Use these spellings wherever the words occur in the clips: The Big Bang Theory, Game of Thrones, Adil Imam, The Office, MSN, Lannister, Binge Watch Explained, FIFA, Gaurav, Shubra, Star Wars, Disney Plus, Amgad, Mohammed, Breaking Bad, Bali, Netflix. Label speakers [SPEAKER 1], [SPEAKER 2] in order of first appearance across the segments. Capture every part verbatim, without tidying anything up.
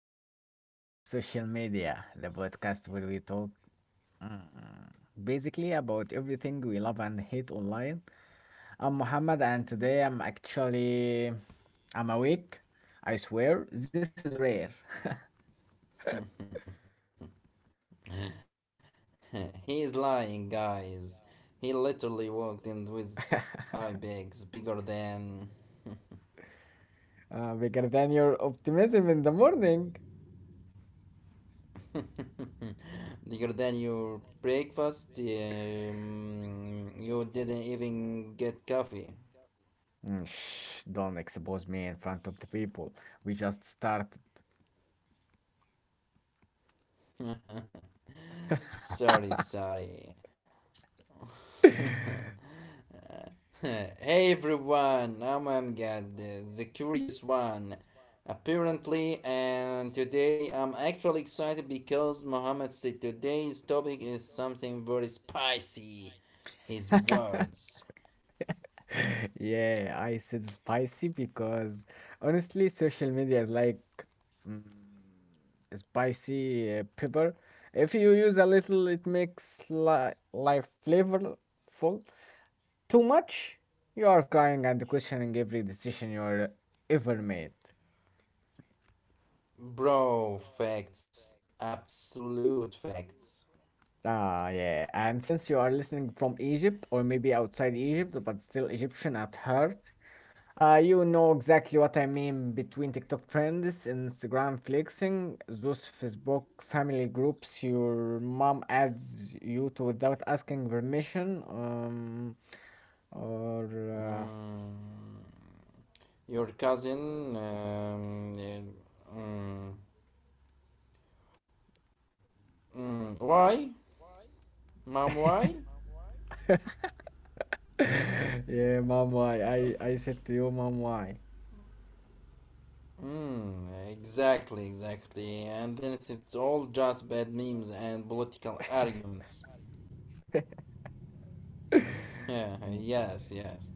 [SPEAKER 1] back to another episode of Social Media, the podcast where we talk mm, basically about everything we love and hate online. I'm Muhammad, and today I'm actually I'm awake. I swear, this is rare.
[SPEAKER 2] He's lying, guys. He literally walked in with eye bags bigger than
[SPEAKER 1] Uh, bigger than your optimism in the morning.
[SPEAKER 2] bigger than your breakfast. Um, you didn't even get coffee.
[SPEAKER 1] Mm, shh, don't expose me in front of the people. We just started.
[SPEAKER 2] Sorry, sorry. hey everyone, I'm Amgad, uh, the curious one, apparently, and today I'm actually excited because Mohammed said today's topic is something very spicy. His words.
[SPEAKER 1] Yeah, I said spicy because honestly, social media is like mm, spicy uh, pepper. If you use a little, it makes li life flavorful. Too much, you are crying and questioning every decision you are ever made.
[SPEAKER 2] Bro, facts. Absolute facts.
[SPEAKER 1] Ah, yeah. And since you are listening from Egypt, or maybe outside Egypt, but still Egyptian at heart, Uh, you know exactly what I mean between TikTok trends, Instagram flexing, those Facebook family groups your mom adds you to without asking permission, um, or
[SPEAKER 2] Mm, your cousin. Um, uh, mm, mm, why? Mom, why?
[SPEAKER 1] uh, yeah, mom, why? I I said to you, mom, why?
[SPEAKER 2] Mm, exactly, exactly. And then it's, it's all just bad memes and political arguments. Yeah,
[SPEAKER 1] Mm.
[SPEAKER 2] yes, yes.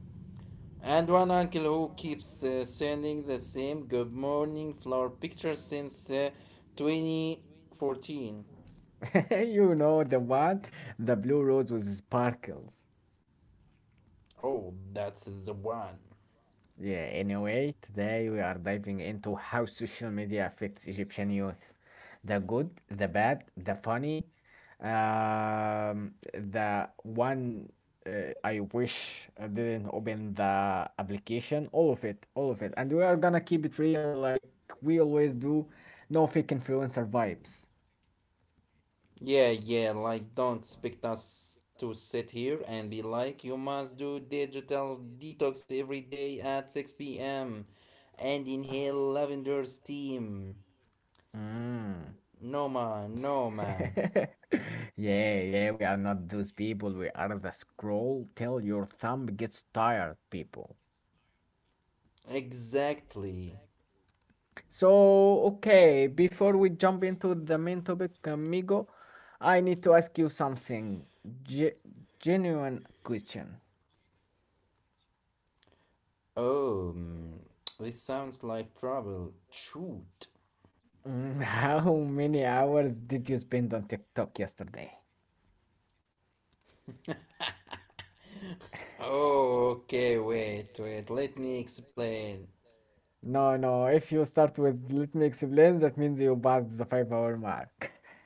[SPEAKER 2] And one uncle who keeps uh, sending the same good morning flower picture since uh, twenty fourteen.
[SPEAKER 1] You know the one, the blue rose with sparkles.
[SPEAKER 2] Oh, that is the one.
[SPEAKER 1] Yeah, anyway, today we are diving into how social media affects Egyptian youth. The good, the bad, the funny, um, the one uh, I wish I didn't open the application, all of it, all of it. And we are gonna keep it real like we always do. No fake influencer vibes.
[SPEAKER 2] Yeah, yeah, like don't expect us to sit here and be like, you must do digital detox every day at six p m and inhale lavender steam.
[SPEAKER 1] Mm.
[SPEAKER 2] No man, no man.
[SPEAKER 1] Yeah, yeah, we are not those people. We are the scroll till your thumb gets tired, people.
[SPEAKER 2] Exactly.
[SPEAKER 1] So, okay, before we jump into the main topic, amigo, I need to ask you something. Ge- Genuine question.
[SPEAKER 2] Oh, mm, this sounds like trouble. Shoot.
[SPEAKER 1] Mm, how many hours did you spend on TikTok yesterday?
[SPEAKER 2] Oh, okay, wait, wait. Let me explain.
[SPEAKER 1] No, no, if you start with let me explain, that means you passed the five hour mark.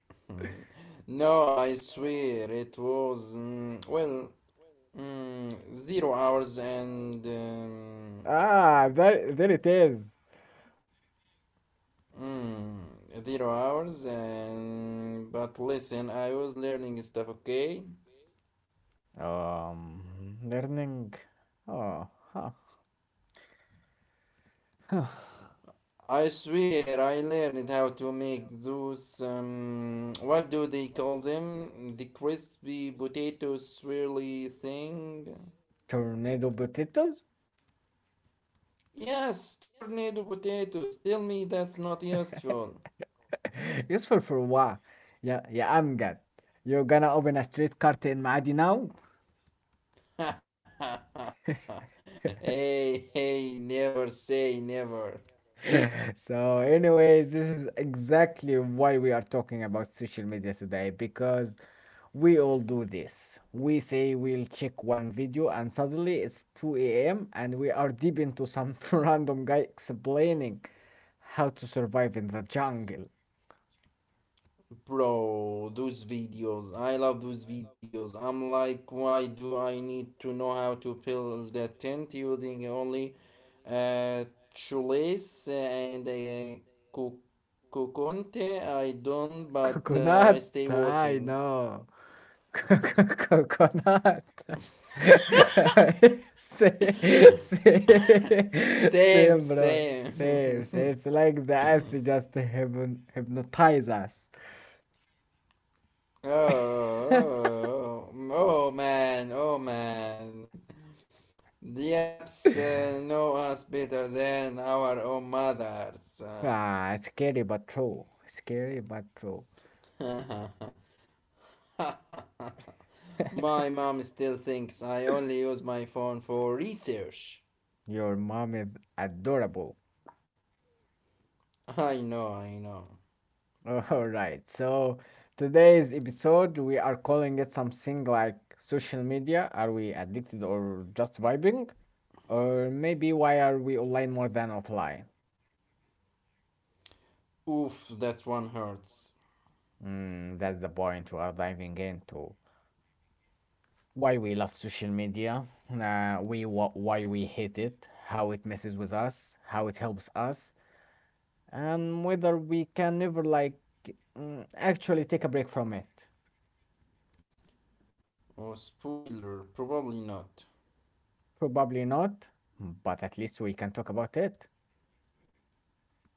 [SPEAKER 2] no, I swear it was mm, well mm, zero hours and um,
[SPEAKER 1] Ah, there, there it is.
[SPEAKER 2] mm, zero hours and but listen, I was learning stuff. Okay.
[SPEAKER 1] Um, learning. Oh, huh. Huh.
[SPEAKER 2] I swear I learned how to make those um what do they call them? The crispy potato swirly thing?
[SPEAKER 1] Tornado potatoes?
[SPEAKER 2] Yes, tornado potatoes. Tell me that's not useful.
[SPEAKER 1] Useful for what? Yeah, yeah, I'm good. You're gonna open a street cart in Maadi now?
[SPEAKER 2] hey, hey, never say never.
[SPEAKER 1] So, anyways, this is exactly why we are talking about social media today because we all do this. We say we'll check one video, and suddenly it's two a m, and we are deep into some random guy explaining how to survive in the jungle.
[SPEAKER 2] Bro, those videos. I love those videos. I'm like, why do I need to know how to build a tent using only uh, shoelace and a co- coconte? I don't, but uh, I
[SPEAKER 1] Coconut,
[SPEAKER 2] stay
[SPEAKER 1] I
[SPEAKER 2] watching.
[SPEAKER 1] know. Coconut. Same, same,
[SPEAKER 2] Same,
[SPEAKER 1] same, bro. Same,
[SPEAKER 2] same.
[SPEAKER 1] same. It's like the apps just hypnotize us.
[SPEAKER 2] oh, oh, oh, man, oh, man. The apps uh, know us better than our own mothers.
[SPEAKER 1] Ah, scary but true. Scary but true.
[SPEAKER 2] my mom still thinks I only use my phone for research.
[SPEAKER 1] Your mom is adorable.
[SPEAKER 2] I know, I know.
[SPEAKER 1] All right. So today's episode, we are calling it something like social media. Are we addicted or just vibing? Or maybe why are we online more than offline?
[SPEAKER 2] Oof, that one hurts.
[SPEAKER 1] Mm, that's the point we are diving into. Why we love social media, uh, we wh- why we hate it, how it messes with us, how it helps us, and whether we can ever like mm, actually take a break from it.
[SPEAKER 2] Oh, spoiler, probably not.
[SPEAKER 1] Probably not, but at least we can talk about it.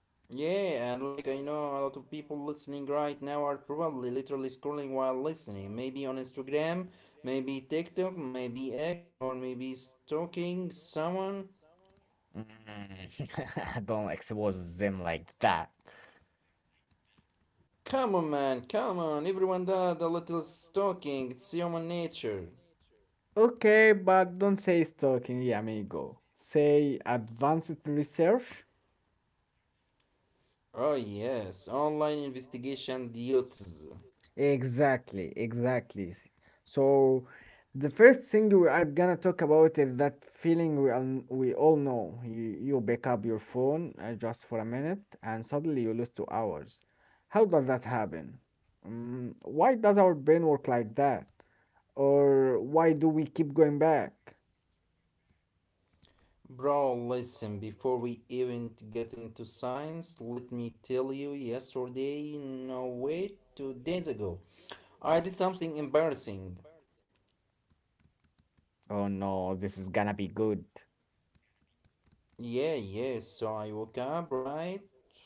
[SPEAKER 2] Yeah, and like I know a lot of people listening right now are probably literally scrolling while listening. Maybe on Instagram, maybe TikTok, maybe X, or maybe stalking someone.
[SPEAKER 1] Don't expose them like that.
[SPEAKER 2] Come on, man, come on. Everyone does a little stalking, it's human nature.
[SPEAKER 1] Okay, but don't say stalking, amigo. Say advanced research.
[SPEAKER 2] Oh, yes, online investigation duties.
[SPEAKER 1] Exactly, exactly. So the first thing we are gonna talk about is that feeling we all, we all know. You you pick up your phone uh, just for a minute and suddenly you lose two hours. How does that happen? Mm, why does our brain work like that? Or why do we keep going back?
[SPEAKER 2] Bro, listen, before we even get into science, let me tell you yesterday, no wait, two days ago, I did something embarrassing.
[SPEAKER 1] Oh no, this is gonna be good.
[SPEAKER 2] Yeah, yeah, so I woke up, right?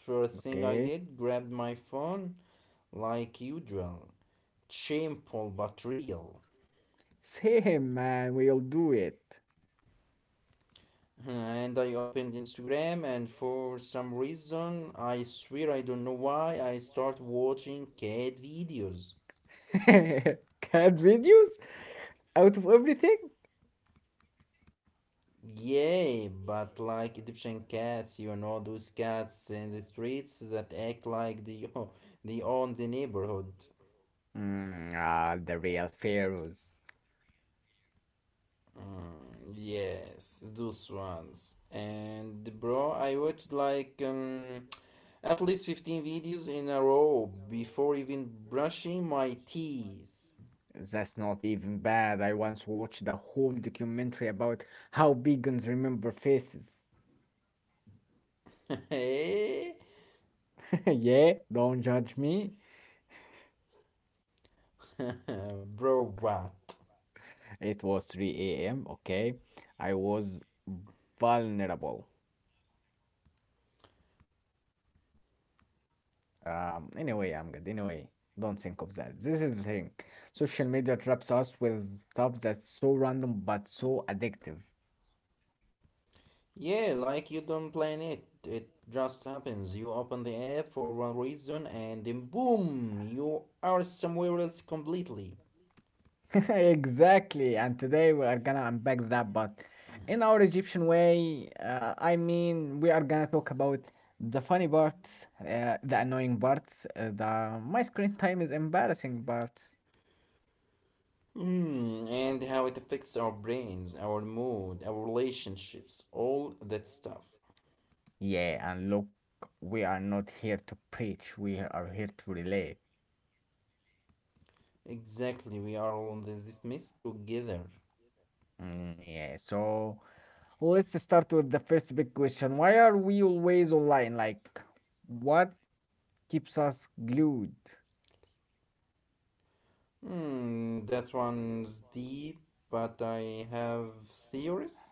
[SPEAKER 2] First thing I
[SPEAKER 1] Okay.
[SPEAKER 2] did, grabbed my phone, like usual. Shameful but real.
[SPEAKER 1] Same man, we'll do it.
[SPEAKER 2] And I opened Instagram, and for some reason, I swear I don't know why, I start watching cat videos.
[SPEAKER 1] Cat videos out of everything?
[SPEAKER 2] Yay, but like Egyptian cats, you know, those cats in the streets that act like they, they own the neighborhood.
[SPEAKER 1] Mm, ah, the real pharaohs.
[SPEAKER 2] Mm, yes, those ones. And bro, I watched like um, at least fifteen videos in a row before even brushing my teeth.
[SPEAKER 1] That's not even bad. I once watched a whole documentary about how vegans remember faces.
[SPEAKER 2] Hey.
[SPEAKER 1] Yeah, don't judge me.
[SPEAKER 2] Bro, what?
[SPEAKER 1] It was three a m, okay? I was vulnerable. Um, anyway, I'm good. Anyway, don't think of that. This is the thing. Social media traps us with stuff that's so random but so addictive.
[SPEAKER 2] Yeah, like you don't plan it. It just happens. You open the app for one reason and then boom, you are somewhere else completely.
[SPEAKER 1] Exactly, and today we are gonna unpack that, but in our Egyptian way, uh, I mean, we are gonna talk about the funny parts, uh, the annoying parts, uh, the my screen time is embarrassing parts.
[SPEAKER 2] Hmm, and how it affects our brains, our mood, our relationships, all that stuff.
[SPEAKER 1] Yeah, and look, we are not here to preach, we are here to relate.
[SPEAKER 2] Exactly, we are all in this mess together.
[SPEAKER 1] Mm, yeah, so let's start with the first big question. Why are we always online? Like, what keeps us glued?
[SPEAKER 2] Hmm, that one's deep, but I have theories?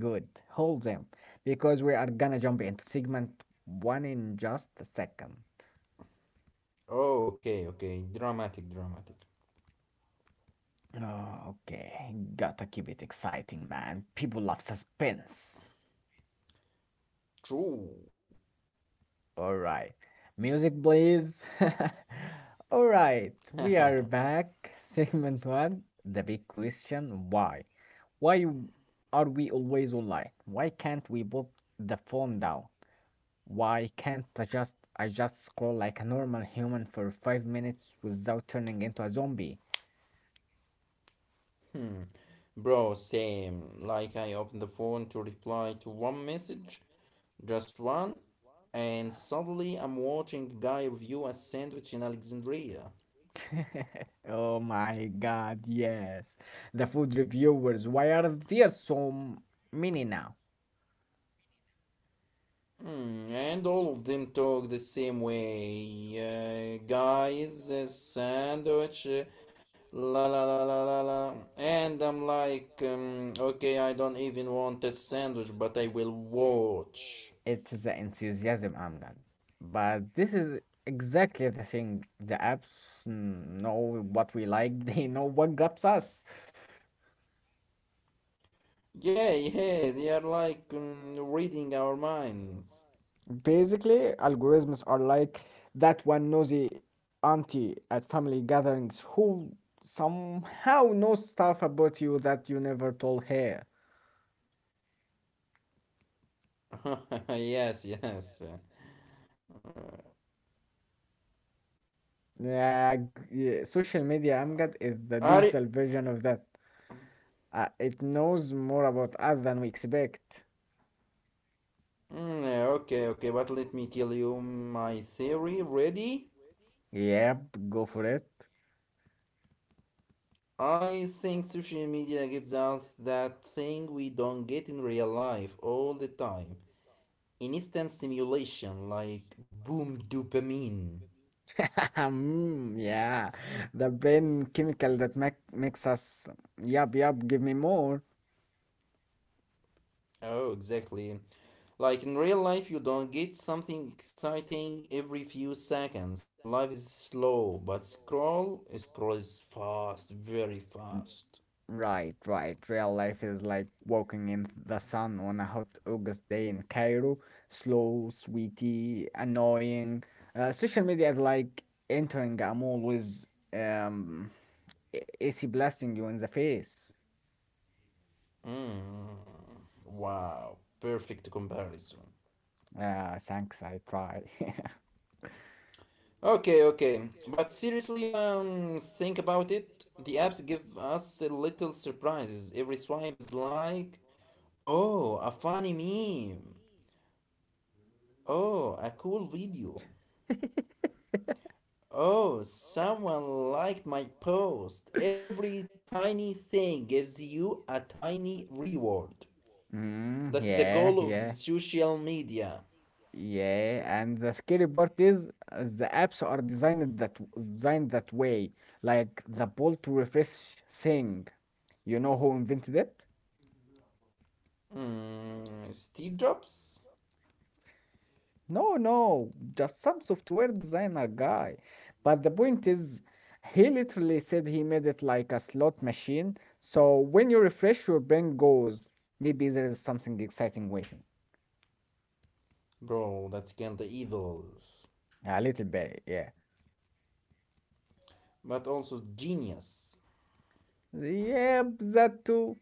[SPEAKER 1] Good. Hold them, because we are gonna jump into segment one in just a second.
[SPEAKER 2] Oh, okay, okay, dramatic, dramatic.
[SPEAKER 1] Oh, okay. Gotta keep it exciting, man. People love suspense.
[SPEAKER 2] True.
[SPEAKER 1] All right. Music, please. All right. We are back. Segment one. The big question why? Why are we always online? Why can't we put the phone down? Why can't I just I just scroll like a normal human for five minutes without turning into a zombie?
[SPEAKER 2] hmm. Bro, same. Like I open the phone to reply to one message, just one, and suddenly I'm watching a guy review a sandwich in Alexandria.
[SPEAKER 1] Oh my god, yes. The food reviewers, why are there so m- many now?
[SPEAKER 2] Hmm, and all of them talk the same way. Uh, guys, a sandwich. uh, La la la la la la. And I'm like, um, okay, I don't even want a sandwich, but I will watch.
[SPEAKER 1] It's the enthusiasm, Amran. But this is exactly the thing. The apps mm, know what we like, they know what grabs us.
[SPEAKER 2] Yeah, yeah, they are like um, reading our minds.
[SPEAKER 1] Basically, algorithms are like that one nosy auntie at family gatherings who somehow knows stuff about you that you never told her.
[SPEAKER 2] yes, yes.
[SPEAKER 1] Yeah, g- yeah, social media, Amgad, is the
[SPEAKER 2] Are y-
[SPEAKER 1] digital version of that. Uh, it knows more about us than we expect.
[SPEAKER 2] Mm, yeah, okay, okay, but let me tell you my theory. Ready?
[SPEAKER 1] Yep, go for it.
[SPEAKER 2] I think social media gives us that thing we don't get in real life all the time. Instant stimulation, like boom dopamine.
[SPEAKER 1] Mm, yeah, the brain chemical that make, makes us. Yup, yup, give me more.
[SPEAKER 2] Oh, exactly. Like in real life, you don't get something exciting every few seconds. Life is slow, but scroll scrolls fast, very fast.
[SPEAKER 1] Right, right. Real life is like walking in the sun on a hot August day in Cairo. Slow, sweetie, annoying. Uh, social media is like entering a mall with um, A C blasting you in the face.
[SPEAKER 2] Mm, wow, perfect comparison.
[SPEAKER 1] Uh, thanks, I tried.
[SPEAKER 2] Okay, okay, but seriously, um, think about it. The apps give us a little surprises. Every swipe is like, oh, a funny meme. Oh, a cool video. Oh, someone liked my post. Every tiny thing gives you a tiny reward.
[SPEAKER 1] Mm,
[SPEAKER 2] That is the
[SPEAKER 1] yeah,
[SPEAKER 2] goal of
[SPEAKER 1] yeah,
[SPEAKER 2] social media.
[SPEAKER 1] yeah. And the scary part is uh, the apps are designed that designed that way, like the pull to refresh thing. You know who invented it?
[SPEAKER 2] Mm, Steve Jobs?
[SPEAKER 1] No, no, just some software designer guy. But the point is, he literally said he made it like a slot machine. So when you refresh, your brain goes, maybe there is something exciting waiting.
[SPEAKER 2] Bro, that's kinda evil.
[SPEAKER 1] Yeah, a little bit, yeah.
[SPEAKER 2] But also genius.
[SPEAKER 1] Yep, that too.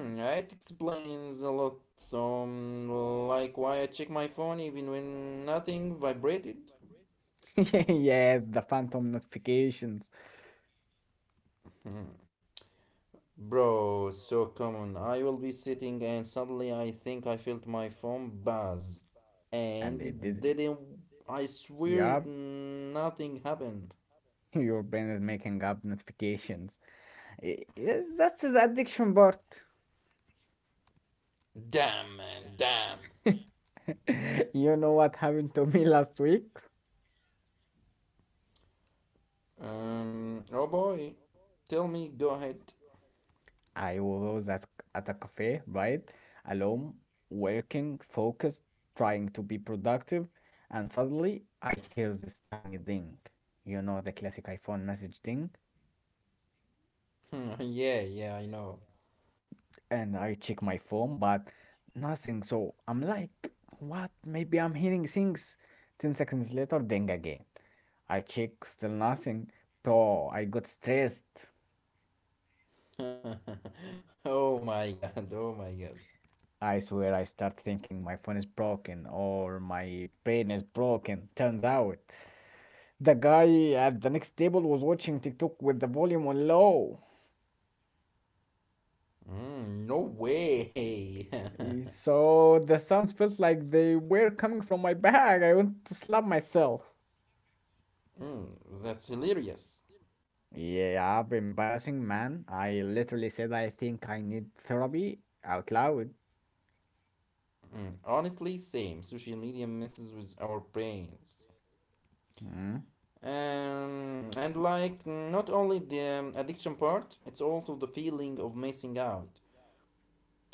[SPEAKER 2] Hmm, it explains a lot. Um, like why I check my phone even when nothing vibrated.
[SPEAKER 1] Yes, the phantom notifications.
[SPEAKER 2] Hmm, bro, so common. I will be sitting and suddenly I think I felt my phone buzz. And
[SPEAKER 1] And it
[SPEAKER 2] it
[SPEAKER 1] didn't.
[SPEAKER 2] didn't. I swear
[SPEAKER 1] Yup,
[SPEAKER 2] nothing happened.
[SPEAKER 1] your brain is making up notifications. I- I- That's the addiction part.
[SPEAKER 2] Damn, man, damn.
[SPEAKER 1] You know what happened to me last week?
[SPEAKER 2] Um, oh boy. Tell me, go ahead.
[SPEAKER 1] I was at, at a cafe, right? Alone, working, focused, trying to be productive, and suddenly I hear this tiny ding. You know the classic iPhone message ding?
[SPEAKER 2] yeah, yeah, I know.
[SPEAKER 1] And I check my phone, but nothing. So I'm like, what? Maybe I'm hearing things. ten seconds later, ding again. I check, still nothing. So I got stressed.
[SPEAKER 2] oh my god, oh my god.
[SPEAKER 1] I swear I start thinking my phone is broken or my brain is broken. Turns out the guy at the next table was watching TikTok with the volume on low.
[SPEAKER 2] Mm, no way.
[SPEAKER 1] Eh, so the sounds felt like they were coming from my bag. I want to slap myself.
[SPEAKER 2] Mm, that's hilarious.
[SPEAKER 1] Yeah, embarrassing, man. I literally said I think I need therapy out loud.
[SPEAKER 2] Mm, honestly, same. Social media messes with our brains.
[SPEAKER 1] Mm.
[SPEAKER 2] Um, and like not only the um, addiction part, it's also the feeling of missing out.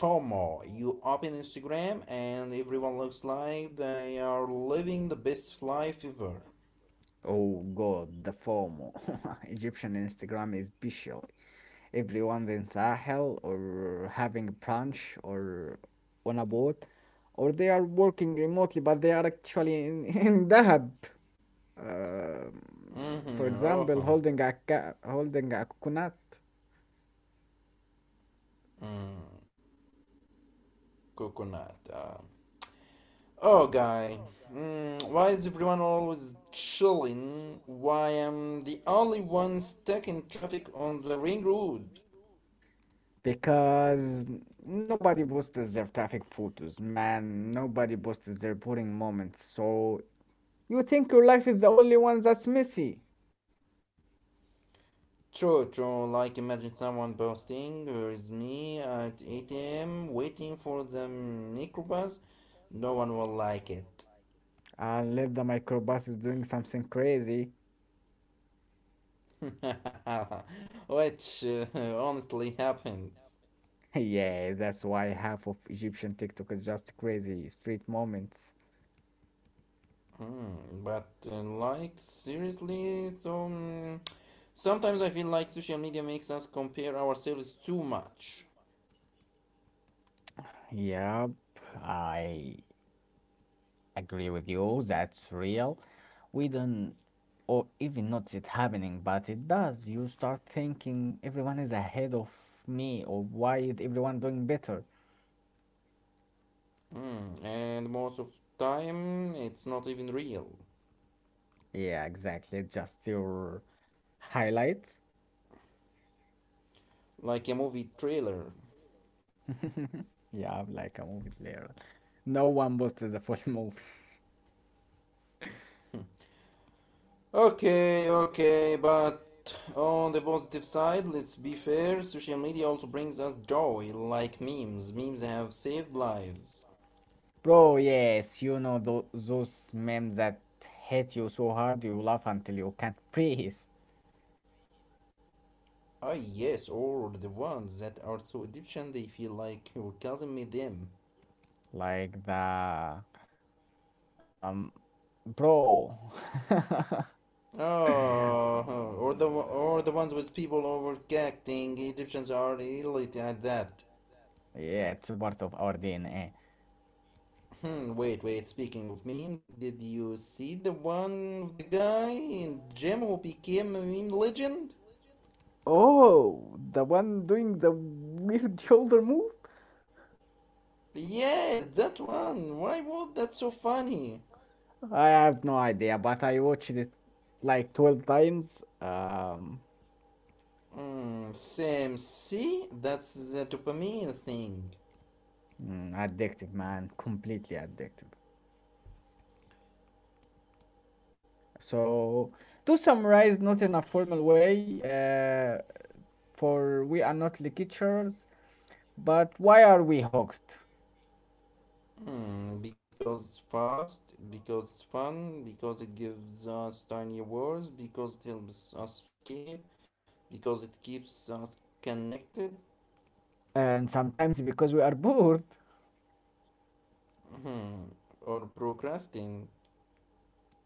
[SPEAKER 2] FOMO. You open Instagram and everyone looks like they are living the best life ever.
[SPEAKER 1] Oh God, the FOMO. Egyptian Instagram is bestial. Everyone's in Sahel or having brunch or on a boat, or they are working remotely, but they are actually in, in Dahab. Um
[SPEAKER 2] Mm-hmm.
[SPEAKER 1] for
[SPEAKER 2] Oh,
[SPEAKER 1] example, holding a ca holding a coconut.
[SPEAKER 2] mm, coconut. Uh, oh, guy. Mm, why is everyone always chilling? Why am I the only one stuck in traffic on the ring road?
[SPEAKER 1] Because nobody posts their traffic photos, man. Nobody posts their boring moments. So you think your life is the only one that's messy.
[SPEAKER 2] True, true. Like imagine someone posting, here is me at eight a m waiting for the microbus. No one will like it.
[SPEAKER 1] Unless the microbus is doing something crazy.
[SPEAKER 2] Which uh, honestly happens.
[SPEAKER 1] Yeah, that's why half of Egyptian TikTok is just crazy street moments.
[SPEAKER 2] Hmm, but uh, like seriously, so mm, sometimes I feel like social media makes us compare ourselves too much.
[SPEAKER 1] Yep, I agree with you, that's real. We don't or even notice it happening, but it does. You start thinking everyone is ahead of me or why is everyone doing better?
[SPEAKER 2] Hmm, and most of time it's not even real.
[SPEAKER 1] Yeah, exactly. Just your highlights.
[SPEAKER 2] Like a movie trailer.
[SPEAKER 1] Yeah, I'm like a movie player. No one posted the full movie.
[SPEAKER 2] Okay, okay, but on the positive side, let's be fair, social media also brings us joy, like memes. Memes have saved lives.
[SPEAKER 1] Bro, yes, you know tho- those memes that hit you so hard you laugh until you can't breathe.
[SPEAKER 2] Ah, yes, or the ones that are so Egyptian they feel like your cousin made them.
[SPEAKER 1] Like the Um, Bro.
[SPEAKER 2] Oh, or the or the ones with people overreacting. Egyptians are elite at that.
[SPEAKER 1] Yeah, it's part of our D N A.
[SPEAKER 2] Hmm, wait, wait. Speaking of memes, did you see the one of the guy in gym who became a meme legend?
[SPEAKER 1] Oh, the one doing the weird shoulder move?
[SPEAKER 2] Yeah, that one. Why was that so funny?
[SPEAKER 1] I have no idea, but I watched it like twelve times. Um,
[SPEAKER 2] Mm, same. See? That's the dopamine thing.
[SPEAKER 1] mm, addictive, man, completely addictive. So, to summarize, not in a formal way, uh, for we are not lecturers, but why are we hooked?
[SPEAKER 2] Mm, because it's fast, because it's fun, because it gives us tiny words, because it helps us escape, because it keeps us connected.
[SPEAKER 1] And sometimes because we are bored.
[SPEAKER 2] Hmm, or procrastinating.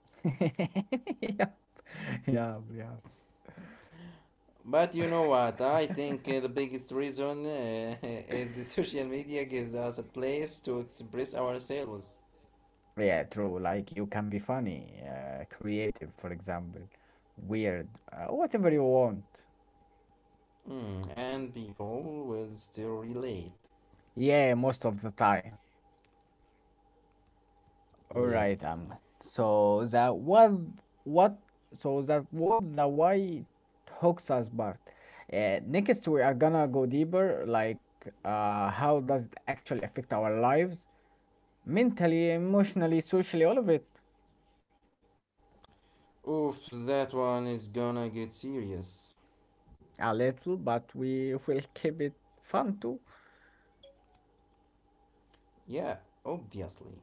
[SPEAKER 1] yeah, yeah, yeah.
[SPEAKER 2] But you know what? I think uh, the biggest reason uh, is the social media gives us a place to express ourselves.
[SPEAKER 1] Yeah, true. Like you can be funny, uh, creative, for example, weird, uh, whatever you want.
[SPEAKER 2] Mm, and people will still relate.
[SPEAKER 1] Yeah, most of the time. All right,
[SPEAKER 2] Yeah,
[SPEAKER 1] um.
[SPEAKER 2] yeah.
[SPEAKER 1] So that what what so that what the why hooks us part. Uh, next, we are gonna go deeper, like uh, how does it actually affect our lives? Mentally, emotionally, socially, all of it.
[SPEAKER 2] Oof, that one is gonna get serious.
[SPEAKER 1] A little, but we will keep it fun too.
[SPEAKER 2] Yeah, obviously.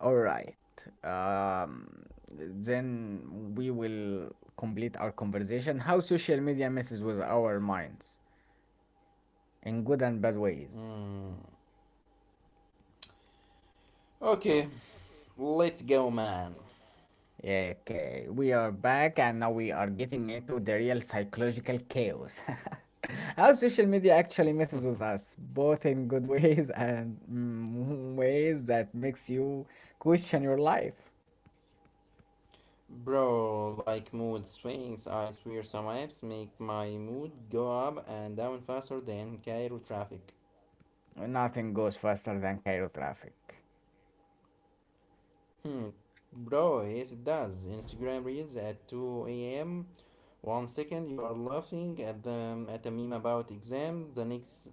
[SPEAKER 1] All right. Um, then we will complete our conversation. How social media messes with our minds in good and bad ways.
[SPEAKER 2] Mm. Okay, let's go, man.
[SPEAKER 1] Okay, we are back and now we are getting into the real psychological chaos. How social media actually messes with us, both in good ways and mm, ways that makes you question your life.
[SPEAKER 2] Bro, like mood swings, I swear some apps make my mood go up and down faster than Cairo traffic.
[SPEAKER 1] Nothing goes faster than Cairo traffic.
[SPEAKER 2] Hmm, bro, yes it does. Instagram reels at two a m. One second you are laughing at the at a meme about exam. The next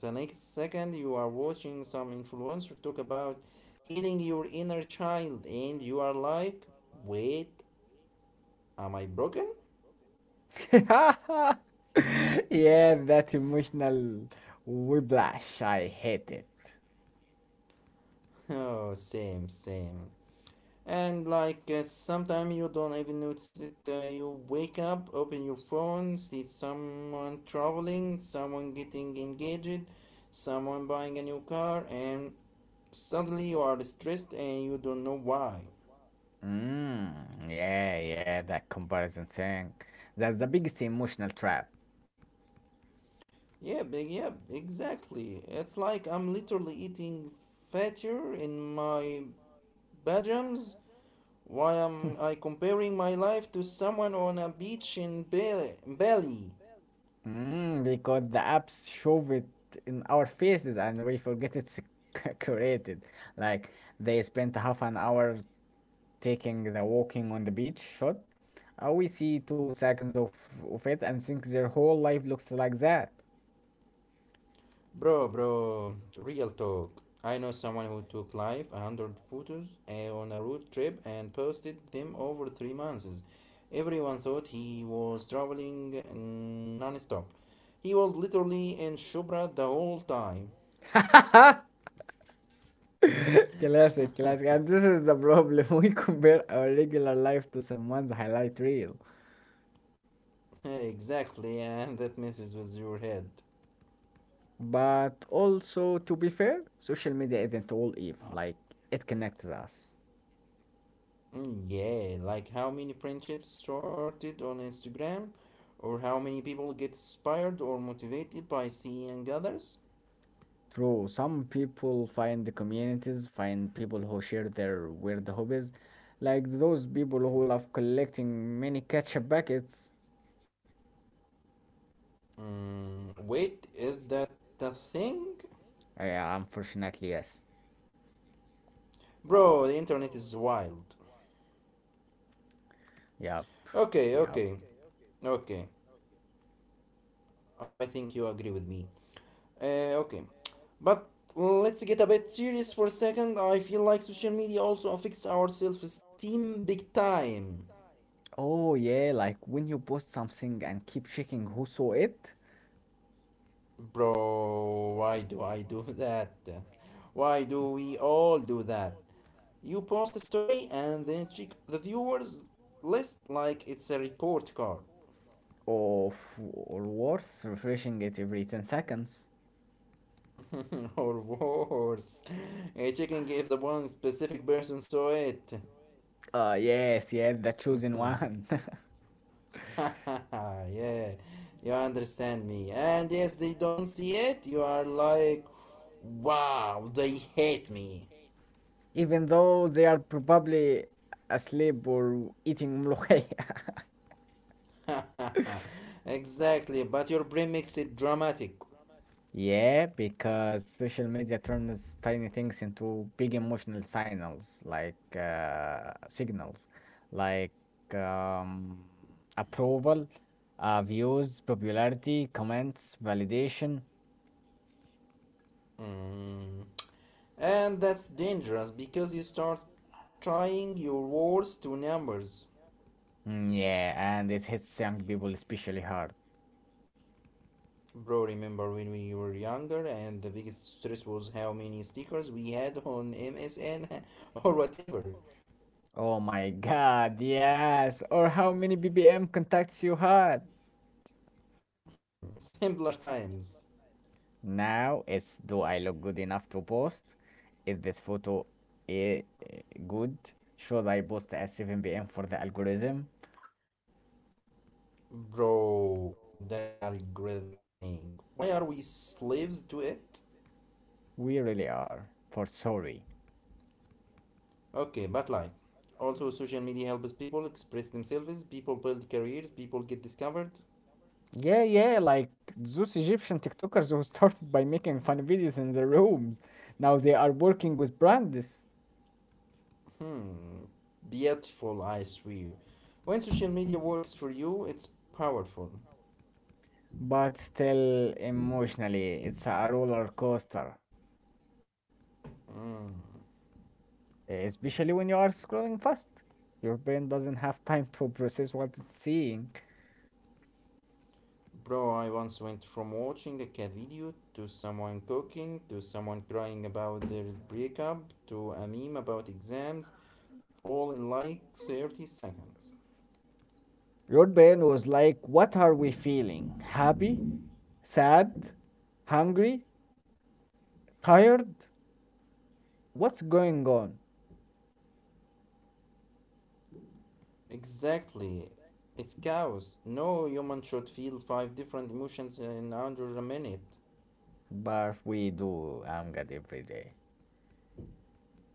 [SPEAKER 2] The next second you are watching some influencer talk about healing your inner child and you are like, wait, am I broken?
[SPEAKER 1] Yes, that emotional whiplash. I hate it.
[SPEAKER 2] oh same same and like uh, sometimes you don't even notice it uh, you wake up open your phone see someone traveling someone getting engaged someone buying a new car and suddenly you are stressed and you don't know why.
[SPEAKER 1] Mm, yeah, yeah, that comparison thing. That's the biggest emotional trap.
[SPEAKER 2] Yep, yep, exactly. It's like I'm literally eating fatter in my pajamas. Why am I comparing my life to someone on a beach in Bali? Bali?
[SPEAKER 1] Mm, because the apps shove it in our faces and we forget it's created. Like they spent half an hour taking the walking on the beach shot. Uh, we see two seconds of, of it and think their whole life looks like that.
[SPEAKER 2] Bro, bro, real talk. I know someone who took live one hundred photos eh, on a road trip and posted them over three months. Everyone thought he was traveling mm, non-stop. He was literally in Shubra the whole time.
[SPEAKER 1] Classic, classic. And this is the problem. We compare our regular life to someone's highlight reel.
[SPEAKER 2] exactly, and that messes with your head.
[SPEAKER 1] But also, to be fair, social media isn't all evil. Like, it connects us.
[SPEAKER 2] Mm, yeah, like how many friendships started on Instagram, or how many people get inspired or motivated by seeing others.
[SPEAKER 1] True, some people find the communities, find people who share their weird hobbies, like those people who love collecting mini ketchup packets.
[SPEAKER 2] Mm, wait, is that the thing?
[SPEAKER 1] Uh, Yeah, unfortunately, yes.
[SPEAKER 2] Bro, the internet is wild.
[SPEAKER 1] Yep.
[SPEAKER 2] Okay,
[SPEAKER 1] Yep.
[SPEAKER 2] okay, okay. I think you agree with me. Uh, okay, but let's get a bit serious for a second. I feel like social media also affects our self esteem big time.
[SPEAKER 1] Oh yeah, like when you post something and keep checking who saw it,
[SPEAKER 2] Bro, why do I do that? Why do we all do that? You post a story and then check the viewers list like it's a report card.
[SPEAKER 1] or f- or worse, refreshing it every ten seconds.
[SPEAKER 2] or worse, a
[SPEAKER 1] Or
[SPEAKER 2] chicken gave the one specific person saw it.
[SPEAKER 1] Uh yes, yes, the chosen one.
[SPEAKER 2] yeah, you understand me. And if they don't see it, you are like, wow, they hate me.
[SPEAKER 1] Even though they are probably asleep or eating mlokhaya.
[SPEAKER 2] exactly, but your brain makes it dramatic.
[SPEAKER 1] Yeah, because social media turns tiny things into big emotional signals, like uh, signals, like um, approval, uh, views, popularity, comments, validation.
[SPEAKER 2] Mm. And that's dangerous because you start trying your words to numbers.
[SPEAKER 1] Mm, yeah, and it hits young people especially hard.
[SPEAKER 2] Bro, remember when we were younger and the biggest stress was how many stickers we had on M S N or whatever?
[SPEAKER 1] Oh my God, yes! Or how many B B M contacts you had?
[SPEAKER 2] Hmm, simpler times.
[SPEAKER 1] Now it's, do I look good enough to post? Is this photo eh, eh, good? Should I post at seven p m for the algorithm?
[SPEAKER 2] Bro, that algorithm thing. Why are we slaves to it?
[SPEAKER 1] We really are for sorry.
[SPEAKER 2] Okay, but like, also social media helps people express themselves, people build careers, people get discovered.
[SPEAKER 1] Yeah, yeah, like those Egyptian TikTokers who started by making fun videos in their rooms. Now they are working with brands,
[SPEAKER 2] Hmm, beautiful, I swear. When social media works for you, it's powerful.
[SPEAKER 1] but still emotionally, it's a roller coaster,
[SPEAKER 2] Mm.
[SPEAKER 1] eh, especially when you are scrolling fast. Your brain doesn't have time to process what it's seeing.
[SPEAKER 2] Bro, I once went from watching a cat video to someone cooking to someone crying about their breakup to a meme about exams, all in like thirty seconds.
[SPEAKER 1] Your brain was like, what are we feeling? Happy? Sad? Hungry? Tired? What's going on?
[SPEAKER 2] Exactly. It's chaos. No human should feel five different emotions in under a minute.
[SPEAKER 1] But we do A M G A D every day.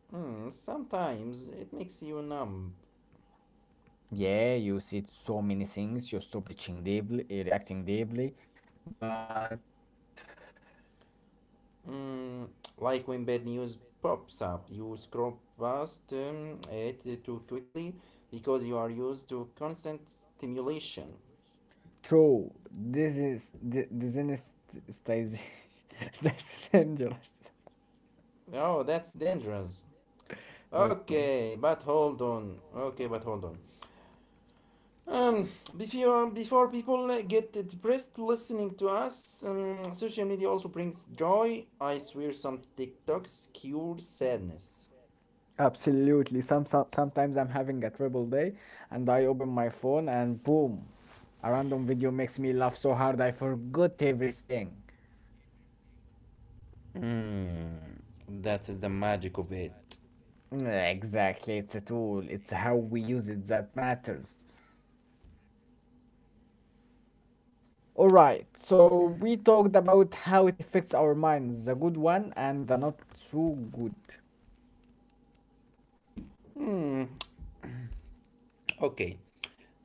[SPEAKER 2] Hmm, sometimes it makes you numb.
[SPEAKER 1] Yeah, you see so many things, you're still breathing deeply, eh, reacting deeply, but
[SPEAKER 2] Mm, like when bad news pops up, you scroll past um, it too quickly because you are used to constant stimulation.
[SPEAKER 1] true, this is, this is, this is dangerous.
[SPEAKER 2] Oh, that's dangerous.
[SPEAKER 1] Okay.
[SPEAKER 2] Okay, but hold on. Okay, but hold on. Um, before before people uh, get depressed listening to us, um, social media also brings joy. I swear, some TikToks cure sadness.
[SPEAKER 1] Absolutely. Some, some sometimes I'm having a terrible day and I open my phone and boom, a random video makes me laugh so hard I forgot everything.
[SPEAKER 2] Mm, that is the magic of it.
[SPEAKER 1] Mm, Exactly, it's a tool. It's how we use it that matters. All right, so we talked about how it affects our minds, the good one and the not so good.
[SPEAKER 2] Mm, okay,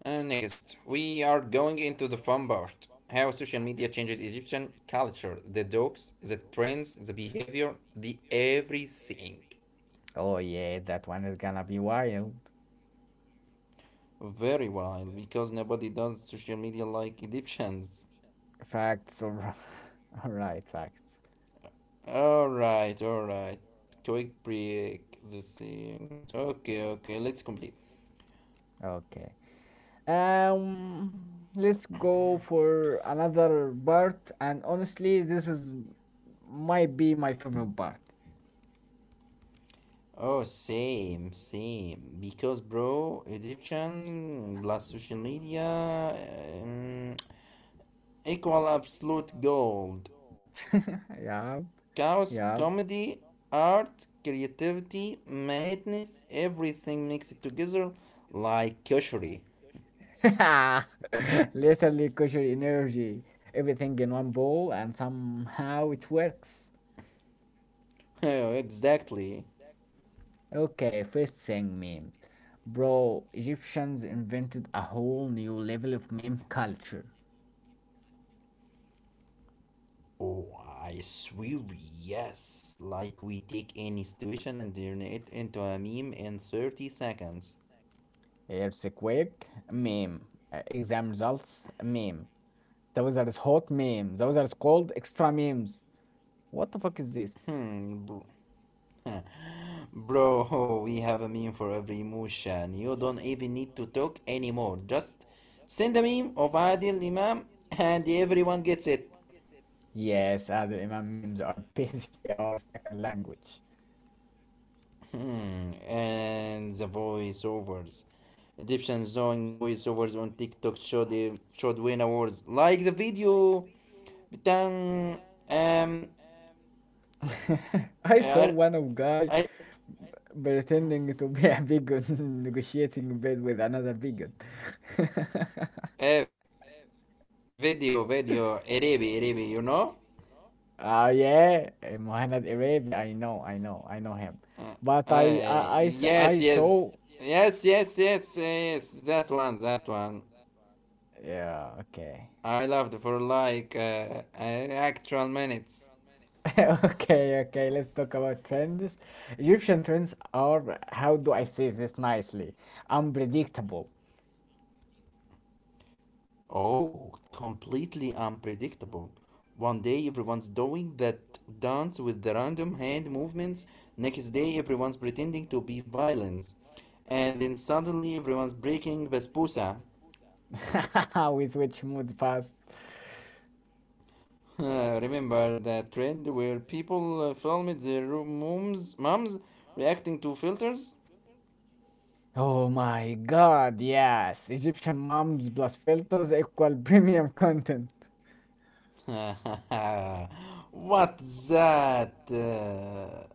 [SPEAKER 2] Uh, next, we are going into the fun part: how social media changed Egyptian culture, the jokes, the trends, the behavior, the everything.
[SPEAKER 1] Oh yeah, that one is gonna be wild.
[SPEAKER 2] Very wild because nobody does social media like Egyptians.
[SPEAKER 1] Facts or all right, facts.
[SPEAKER 2] Alright, alright. Quick break. The same. Okay, okay, let's complete.
[SPEAKER 1] Okay. Um, let's go for another part, and honestly, this is might be my favorite part.
[SPEAKER 2] Oh, same, same. Because, bro, Egyptian plus social media um, equal absolute gold.
[SPEAKER 1] Yeah,
[SPEAKER 2] Chaos,
[SPEAKER 1] yeah.
[SPEAKER 2] comedy, art, creativity, madness, everything mixed together like koshery.
[SPEAKER 1] Literally, kosher energy, everything in one bowl, and somehow it works.
[SPEAKER 2] Exactly.
[SPEAKER 1] Okay, first thing, memes. Bro, Egyptians invented a whole new level of meme culture.
[SPEAKER 2] Oh, I swear, yes. Like we take any situation and turn it into a meme in thirty seconds.
[SPEAKER 1] Earthquake, meme. Uh, exam results, meme. Those are hot memes. Those are called extra memes. What the fuck is this?
[SPEAKER 2] Hmm, bro. Bro, we have a meme for every emotion. You don't even need to talk anymore. Just send a meme of Adil Imam and everyone gets it.
[SPEAKER 1] Yes, Adil Imam memes are basically our second language.
[SPEAKER 2] Hmm, and the voiceovers. Egyptians doing voiceovers on TikTok showed the showed win awards. Like the video, بتاع- um,
[SPEAKER 1] I saw one
[SPEAKER 2] Ar-
[SPEAKER 1] of guy
[SPEAKER 2] Ar-
[SPEAKER 1] pretending to be a vegan negotiating bid with another vegan.
[SPEAKER 2] eh, video, video, Arabi, Arabi, you know?
[SPEAKER 1] Ah yeah, eh, Mohamed Arabi. I know, I know, I know him. But I,
[SPEAKER 2] Uh,
[SPEAKER 1] I, I I
[SPEAKER 2] yes, yes,
[SPEAKER 1] saw.
[SPEAKER 2] yes, yes, yes, yes, that one, that one.
[SPEAKER 1] Yeah, okay.
[SPEAKER 2] I loved for like uh, uh, actual minutes.
[SPEAKER 1] Okay, okay, let's talk about trends. Egyptian trends are, how do I say this nicely? Unpredictable.
[SPEAKER 2] Oh, completely unpredictable. One day everyone's doing that dance with the random hand movements, next day everyone's pretending to be violins, and then suddenly everyone's breaking basbousa.
[SPEAKER 1] We switch moods fast.
[SPEAKER 2] Remember that trend where people uh, filmed their moms, moms reacting to filters?
[SPEAKER 1] Oh my God, yes. Egyptian moms plus filters equal premium content.
[SPEAKER 2] What's that? Uh,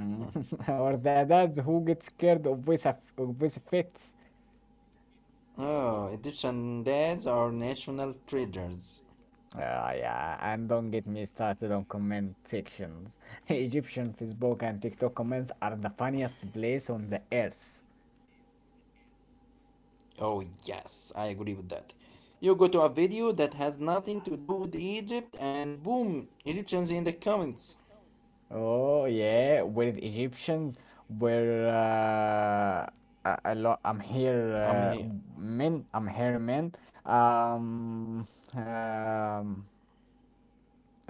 [SPEAKER 1] Mm. Or the dads who get scared of voice, aff- of voice effects.
[SPEAKER 2] oh, Egyptian dads are national treasures.
[SPEAKER 1] Ah, yeah, and don't get me started on comment sections. Egyptian Facebook and TikTok comments are the funniest place on the earth.
[SPEAKER 2] Oh, yes, I agree with that. You go to a video that has nothing to do with Egypt, and boom, Egyptians in the comments.
[SPEAKER 1] Oh, yeah, with Egyptians where Uh, a, a lot. I'm here,
[SPEAKER 2] I
[SPEAKER 1] uh,
[SPEAKER 2] mean,
[SPEAKER 1] men. I'm here, men. Um, um,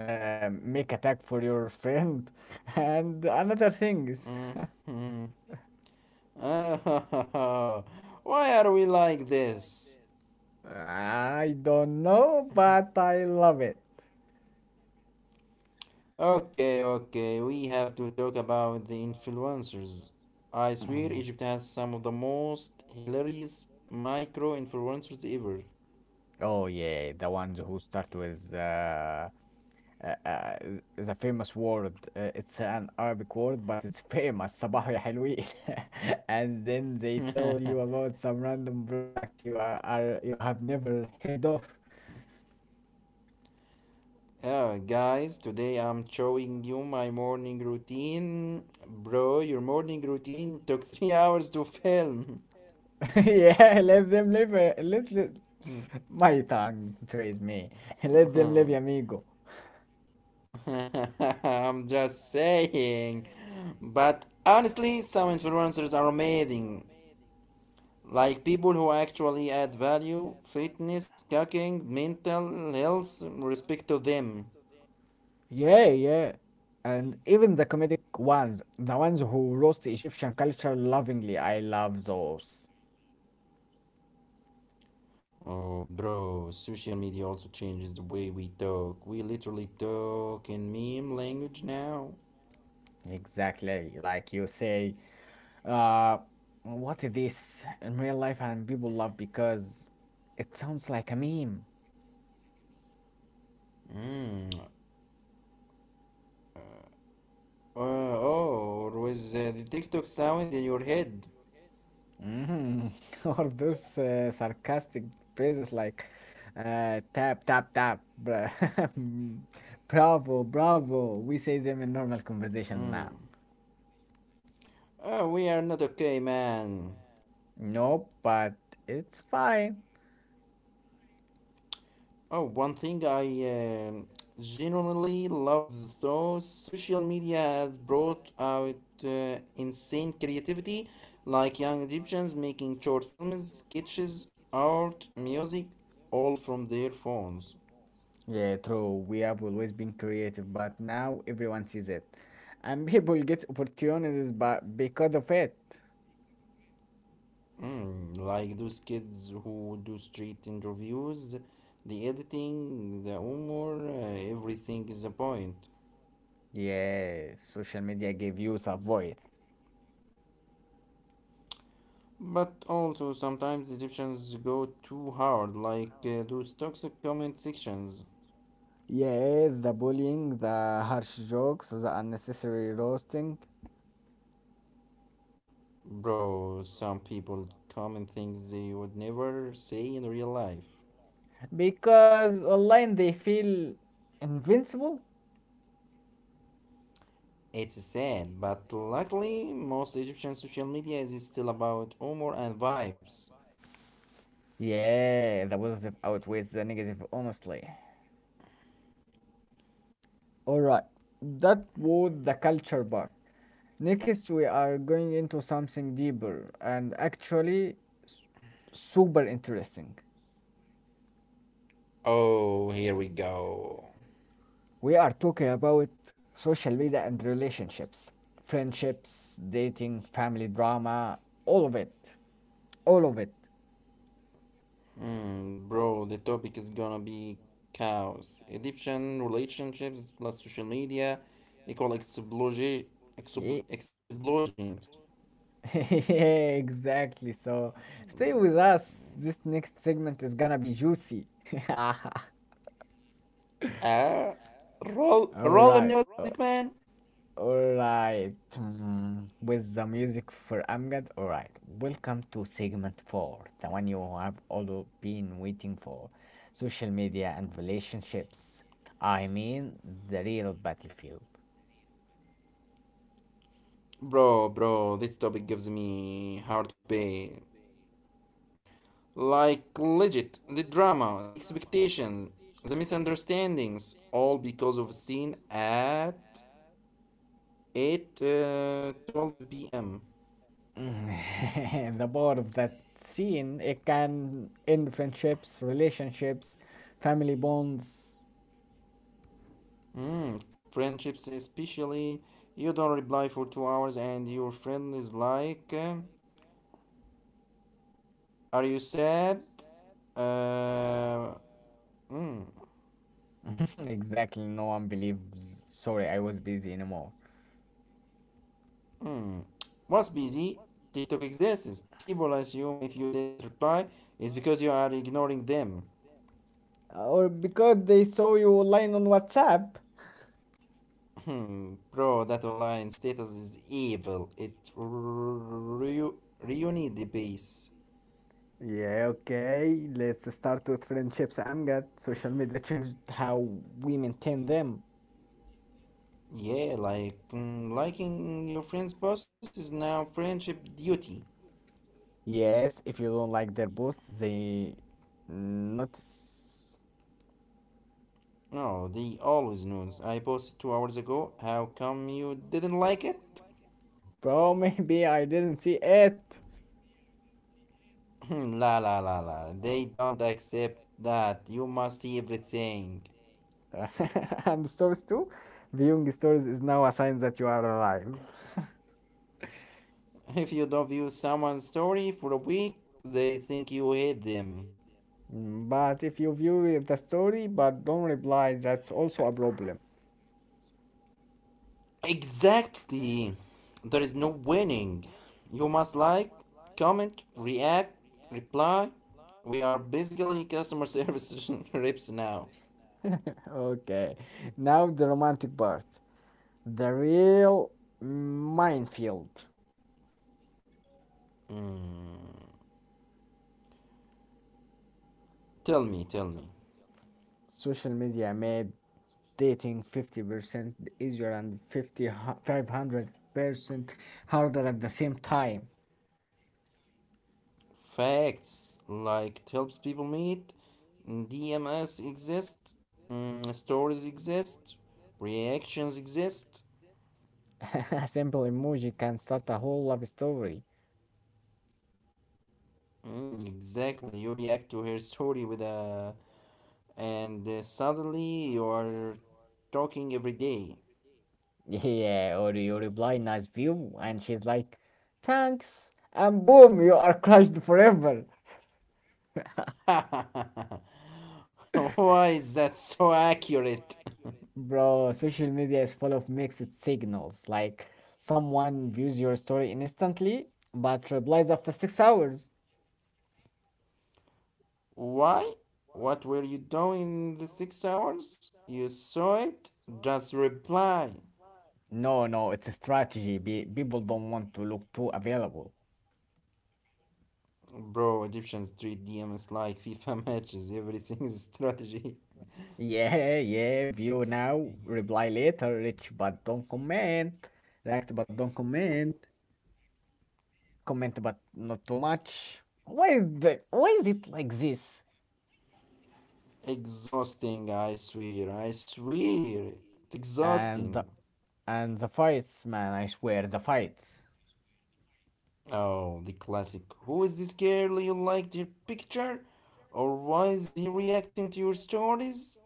[SPEAKER 1] uh, Make attack for your friend, and another things.
[SPEAKER 2] mhm. Ah, why are we like this?
[SPEAKER 1] I don't know, but I love it.
[SPEAKER 2] Okay, okay, we have to talk about the influencers. I swear,
[SPEAKER 1] Mhm.
[SPEAKER 2] Egypt has some of the most hilarious micro influencers ever.
[SPEAKER 1] Oh yeah, the ones who start with uh, uh, uh, the famous word. Uh, it's an Arabic word, but it's famous. صباح يا حلوين. And then they tell you about some random product you are, are you have never heard of.
[SPEAKER 2] Uh, guys, today I'm showing you my morning routine. Bro, your morning routine took three hours to film.
[SPEAKER 1] Yeah, let them live. Uh, Let, let my tongue betrays me. Let them live, amigo.
[SPEAKER 2] I'm just saying. But honestly, some influencers are amazing. Like people who actually add value, fitness, cooking, mental health, respect to them.
[SPEAKER 1] Yeah, yeah. And even the comedic ones, the ones who roast Egyptian culture lovingly, I love those.
[SPEAKER 2] Oh, bro, social media also changes the way we talk. We literally talk in meme language now.
[SPEAKER 1] Exactly, like you say. Uh, what is this in real life and people love because it sounds like a meme.
[SPEAKER 2] Mm. Uh, oh, or with uh, the TikTok sound in your head.
[SPEAKER 1] Mhm. Or those uh, sarcastic phrases like uh, tap, tap, tap. bra- Bravo, bravo. We say them in normal conversation now.
[SPEAKER 2] Mm. Oh, we are not okay, man.
[SPEAKER 1] No, but it's fine.
[SPEAKER 2] Oh, one thing I um genuinely love, though social media has brought out uh, insane creativity, like young Egyptians making short films, sketches, art, music, all from their phones.
[SPEAKER 1] Yeah, true. We have always been creative, but now everyone sees it. And people get opportunities but because of it.
[SPEAKER 2] Mm, like those kids who do street interviews, the editing, the humor, uh, everything is a point.
[SPEAKER 1] Yeah, social media gave youth a voice.
[SPEAKER 2] But also, sometimes Egyptians go too hard, like uh, those toxic comment sections.
[SPEAKER 1] Yeah, the bullying, the harsh jokes, the unnecessary roasting.
[SPEAKER 2] Bro, some people comment things they would never say in real life.
[SPEAKER 1] Because online they feel invincible.
[SPEAKER 2] It's sad, but luckily, most Egyptian social media is still about humor and vibes.
[SPEAKER 1] Yeah, the positive outweighs the negative, honestly. Alright, that was the culture part. Next, we are going into something deeper and actually s- super interesting.
[SPEAKER 2] Oh, here we go.
[SPEAKER 1] We are talking about social media and relationships, friendships, dating, family drama, all of it. All of it.
[SPEAKER 2] Mm, bro, the topic is gonna be chaos. Egyptian relationships plus social media equal explosion.
[SPEAKER 1] Ye-
[SPEAKER 2] Explosions.
[SPEAKER 1] Yeah, exactly. So stay
[SPEAKER 2] Mm.
[SPEAKER 1] with us. This next segment is gonna be juicy.
[SPEAKER 2] Ah, roll,
[SPEAKER 1] All
[SPEAKER 2] roll the
[SPEAKER 1] right.
[SPEAKER 2] music, man.
[SPEAKER 1] Alright, mm, with the music for Amgad. Alright, welcome to segment four, the one you have all been waiting for, social media and relationships. I mean, the real battlefield.
[SPEAKER 2] Bro, bro, this topic gives me heart pain. Like legit, the drama, the expectation, the misunderstandings, all because of a scene at eight, uh, twelve p m.
[SPEAKER 1] Mm, the power of that scene, it can end friendships, relationships, family bonds.
[SPEAKER 2] Mm, friendships, especially. You don't reply for two hours, and your friend is like, um, Are you sad? Uh, mm,
[SPEAKER 1] Exactly, no one believes, sorry, I was busy anymore.
[SPEAKER 2] mm. What's busy? TikTok exists. People assume if you didn't reply, it's because you are ignoring them.
[SPEAKER 1] Or because they saw you online on WhatsApp.
[SPEAKER 2] Hmm. Bro, that online status is evil. It ru- ruined the base.
[SPEAKER 1] Yeah, okay. Let's start with friendships. I'm glad social media changed how we maintain them.
[SPEAKER 2] Yeah, like mm, liking your friend's posts is now friendship duty.
[SPEAKER 1] Yes, if you don't like their posts, they notice.
[SPEAKER 2] No, they always knows. I posted two hours ago. How come you didn't like it?
[SPEAKER 1] Bro, maybe I didn't see it.
[SPEAKER 2] La la la la. They don't accept that. You must see everything.
[SPEAKER 1] And stories too. Viewing stories is now a sign that you are alive.
[SPEAKER 2] If you don't view someone's story for a week, they think you hate them.
[SPEAKER 1] Mm, but if you view the story but don't reply, that's also a problem.
[SPEAKER 2] Exactly. There is no winning. You must like, comment, react, reply. We are basically customer service reps now.
[SPEAKER 1] Right now. Okay, now the romantic part, the real minefield.
[SPEAKER 2] Mm. Tell me, tell me.
[SPEAKER 1] Social media made dating fifty percent easier and fifty, five hundred percent harder at the same time.
[SPEAKER 2] Facts, like, helps people meet, D Ms exist, mm, stories exist, reactions exist.
[SPEAKER 1] A simple emoji can start a whole love story.
[SPEAKER 2] Mm, exactly, you react to her story with a, and uh, suddenly you are talking every day.
[SPEAKER 1] Yeah, or you reply, nice view, and she's like, thanks, and boom, you are crushed forever.
[SPEAKER 2] Why is that so accurate?
[SPEAKER 1] Bro, social media is full of mixed signals. Like someone views your story instantly but replies after six hours.
[SPEAKER 2] Why? What were you doing the six hours? You saw it? Just reply.
[SPEAKER 1] No, no, it's a strategy. Be people don't want to look too available.
[SPEAKER 2] Bro, Egyptians treat D Ms like FIFA matches. Everything is strategy.
[SPEAKER 1] Yeah, yeah, view now, reply later, rich but don't comment. React but don't comment. Comment but not too much. Why is the, why is it like this?
[SPEAKER 2] Exhausting, I swear. I swear. It's
[SPEAKER 1] And the,
[SPEAKER 2] exhausting.
[SPEAKER 1] and the fights, man, I swear, the fights.
[SPEAKER 2] Oh, the classic. Who is this girl you liked her picture? Or why is he reacting to your stories?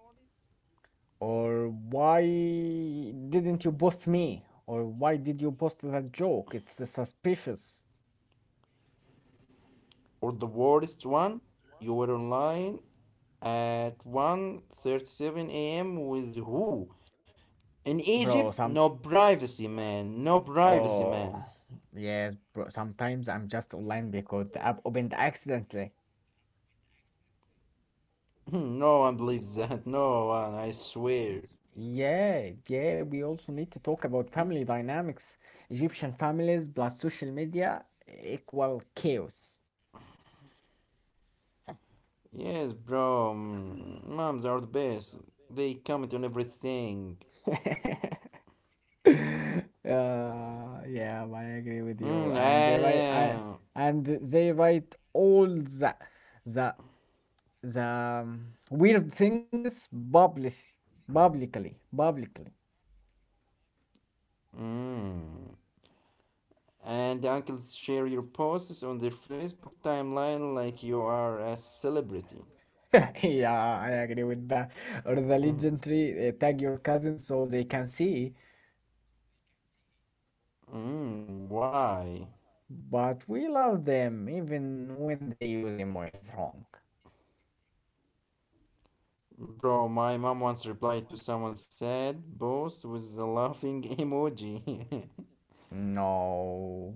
[SPEAKER 1] Or why didn't you post me? Or why did you post that joke? It's suspicious,
[SPEAKER 2] Or the worst one, you were online at one thirty-seven a m with who? In
[SPEAKER 1] bro.
[SPEAKER 2] Egypt,
[SPEAKER 1] Some
[SPEAKER 2] no privacy, man. No privacy, man.
[SPEAKER 1] Oh, yes, bro. Sometimes I'm just online because the app opened accidentally.
[SPEAKER 2] No one believes that. No one, I swear.
[SPEAKER 1] Yeah, yeah, we also need to talk about family dynamics. Egyptian families plus social media equal chaos.
[SPEAKER 2] Yes, bro. Mm, moms are the best. They comment on everything.
[SPEAKER 1] Uh, yeah, I agree with you.
[SPEAKER 2] Mm,
[SPEAKER 1] And they write uh,
[SPEAKER 2] and,
[SPEAKER 1] and they write all the the the um, weird things publicly, publicly, publicly.
[SPEAKER 2] uh, mm. and the uncles share your posts on their Facebook timeline like you are a celebrity.
[SPEAKER 1] Yeah, I agree with that. Or the
[SPEAKER 2] Hmm.
[SPEAKER 1] legendary uh, tag your cousins so they can see,
[SPEAKER 2] Mm, why?
[SPEAKER 1] but we love them even when they use emojis wrong.
[SPEAKER 2] Bro, my mom once replied to someone's sad post with a laughing emoji.
[SPEAKER 1] No.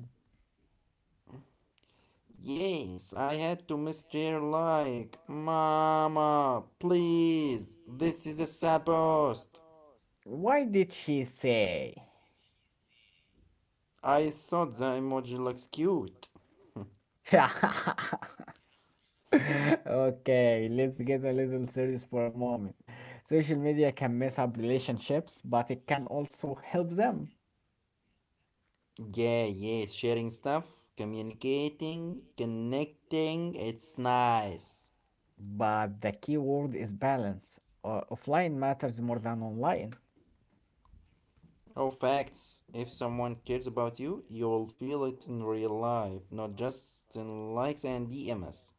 [SPEAKER 2] Yes, I had to mishear like, Mama, please, this is a sad post.
[SPEAKER 1] Why did she say?
[SPEAKER 2] I thought the emoji looks cute.
[SPEAKER 1] Okay, let's get a little serious for a moment. Social media can mess up relationships, but it can also help them.
[SPEAKER 2] Yeah, yeah, sharing stuff, communicating, connecting, it's nice.
[SPEAKER 1] But the key word is balance. Uh, offline matters more than online.
[SPEAKER 2] Oh, facts. If someone cares about you, you'll feel it in real life, not just in likes and D Ms.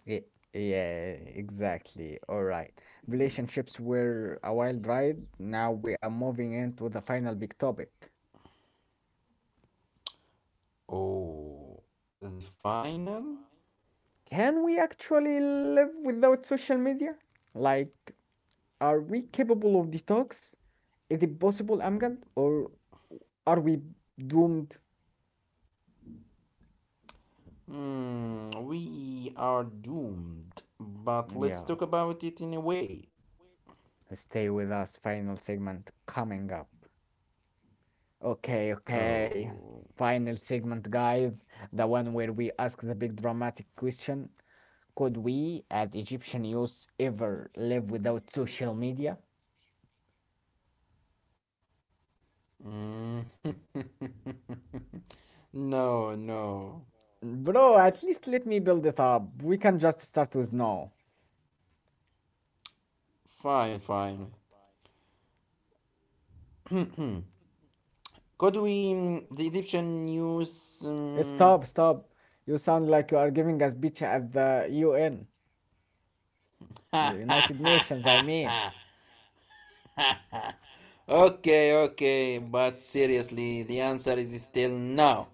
[SPEAKER 1] Y- Yeah, exactly. All right. Relationships were a wild ride. Now we are moving into the final big topic.
[SPEAKER 2] Oh, the final?
[SPEAKER 1] Can we actually live without social media? Like, are we capable of detox? Is it possible, Amgad? Or are we doomed?
[SPEAKER 2] Hmm, we are doomed, but let's
[SPEAKER 1] Yeah,
[SPEAKER 2] talk about it in a way.
[SPEAKER 1] stay with us. Final segment coming up. Okay, okay.
[SPEAKER 2] Oh.
[SPEAKER 1] Final segment, guys. The one where we ask the big dramatic question, could we, as Egyptian youth, ever live without social media?
[SPEAKER 2] Mm. No, no.
[SPEAKER 1] No. Bro, at least let me build it up. We can just start with no.
[SPEAKER 2] Fine, fine. Could we. Mm, the Egyptian news.
[SPEAKER 1] Eh,
[SPEAKER 2] Mm,
[SPEAKER 1] Stop, stop. You sound like you are giving a speech at the U N, the United Nations, I mean.
[SPEAKER 2] okay, okay, but seriously, the answer is still no.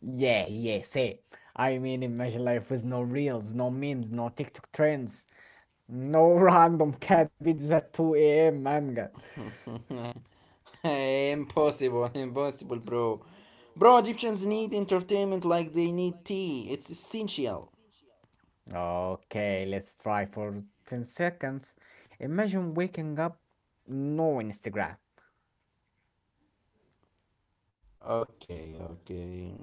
[SPEAKER 1] Yeah, yeah, say. I mean, imagine life with no reels, no memes, no TikTok trends, no random cat videos at two a m. Amgad.
[SPEAKER 2] Impossible, impossible, bro. Bro, Egyptians need entertainment like they need tea. It's essential.
[SPEAKER 1] Okay, let's try for ten seconds. Imagine waking up, no Instagram.
[SPEAKER 2] Okay, okay.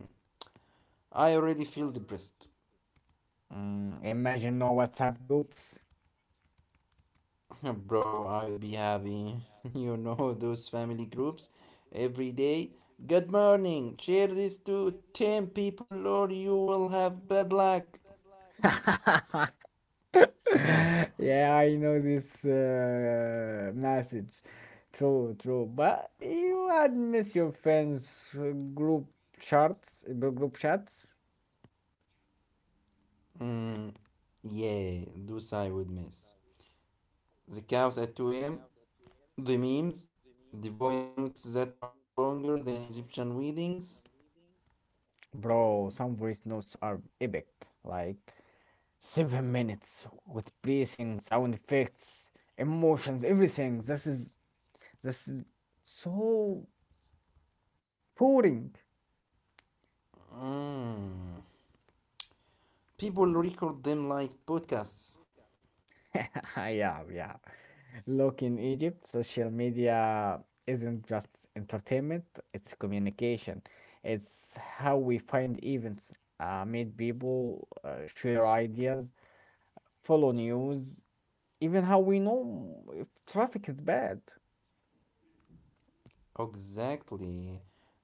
[SPEAKER 2] I already feel depressed.
[SPEAKER 1] Mm, imagine no WhatsApp groups.
[SPEAKER 2] Bro, I'd be happy. You know those family groups every day. Good morning. Share this to ten people or you will have bad luck.
[SPEAKER 1] Luck.
[SPEAKER 2] Huh.
[SPEAKER 1] Yeah, I know this uh, message. True, true. But you had miss your friends' uh, group chats, uh, group chats,
[SPEAKER 2] Mm, yeah, those I would miss. The cows at two a m, the memes, the voice notes that are longer than Egyptian weddings.
[SPEAKER 1] bro. Some voice notes are epic, like seven minutes with breathing, sound effects, emotions, everything. This is this is so boring.
[SPEAKER 2] Mm. People record them like podcasts.
[SPEAKER 1] Yeah, yeah. Look, in Egypt, social media isn't just entertainment, it's communication. It's how we find events, uh, meet people, uh, share ideas, follow news, even how we know if traffic is bad.
[SPEAKER 2] Exactly.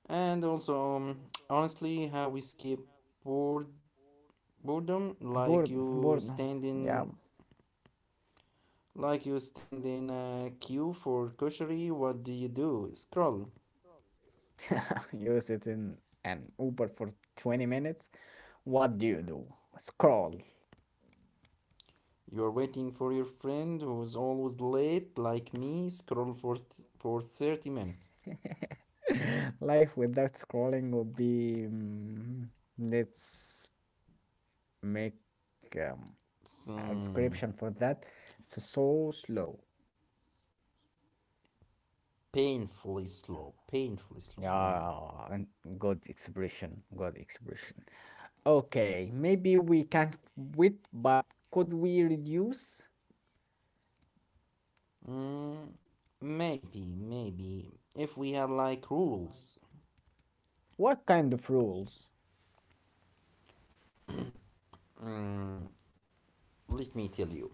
[SPEAKER 2] And also, um, honestly, how we escape bored boredom, like
[SPEAKER 1] Bored,
[SPEAKER 2] you
[SPEAKER 1] bored.
[SPEAKER 2] stand
[SPEAKER 1] Yeah,
[SPEAKER 2] in, like you stand in a queue for grocery. What do you do? Scroll.
[SPEAKER 1] you sit in an Uber for twenty minutes. What do you do? Scroll.
[SPEAKER 2] You're waiting for your friend who's always late, like me. Scroll for th- for thirty minutes.
[SPEAKER 1] Life without scrolling would be, mm, let's make um,
[SPEAKER 2] It's
[SPEAKER 1] a
[SPEAKER 2] um,
[SPEAKER 1] description for that. It's so slow.
[SPEAKER 2] painfully slow. Painfully slow, man.
[SPEAKER 1] Yeah, and good expression, good expression. Okay, maybe we can't quit, but could we reduce?
[SPEAKER 2] Mm, maybe, maybe if we had like rules.
[SPEAKER 1] What kind of rules?
[SPEAKER 2] Mm, let me tell you.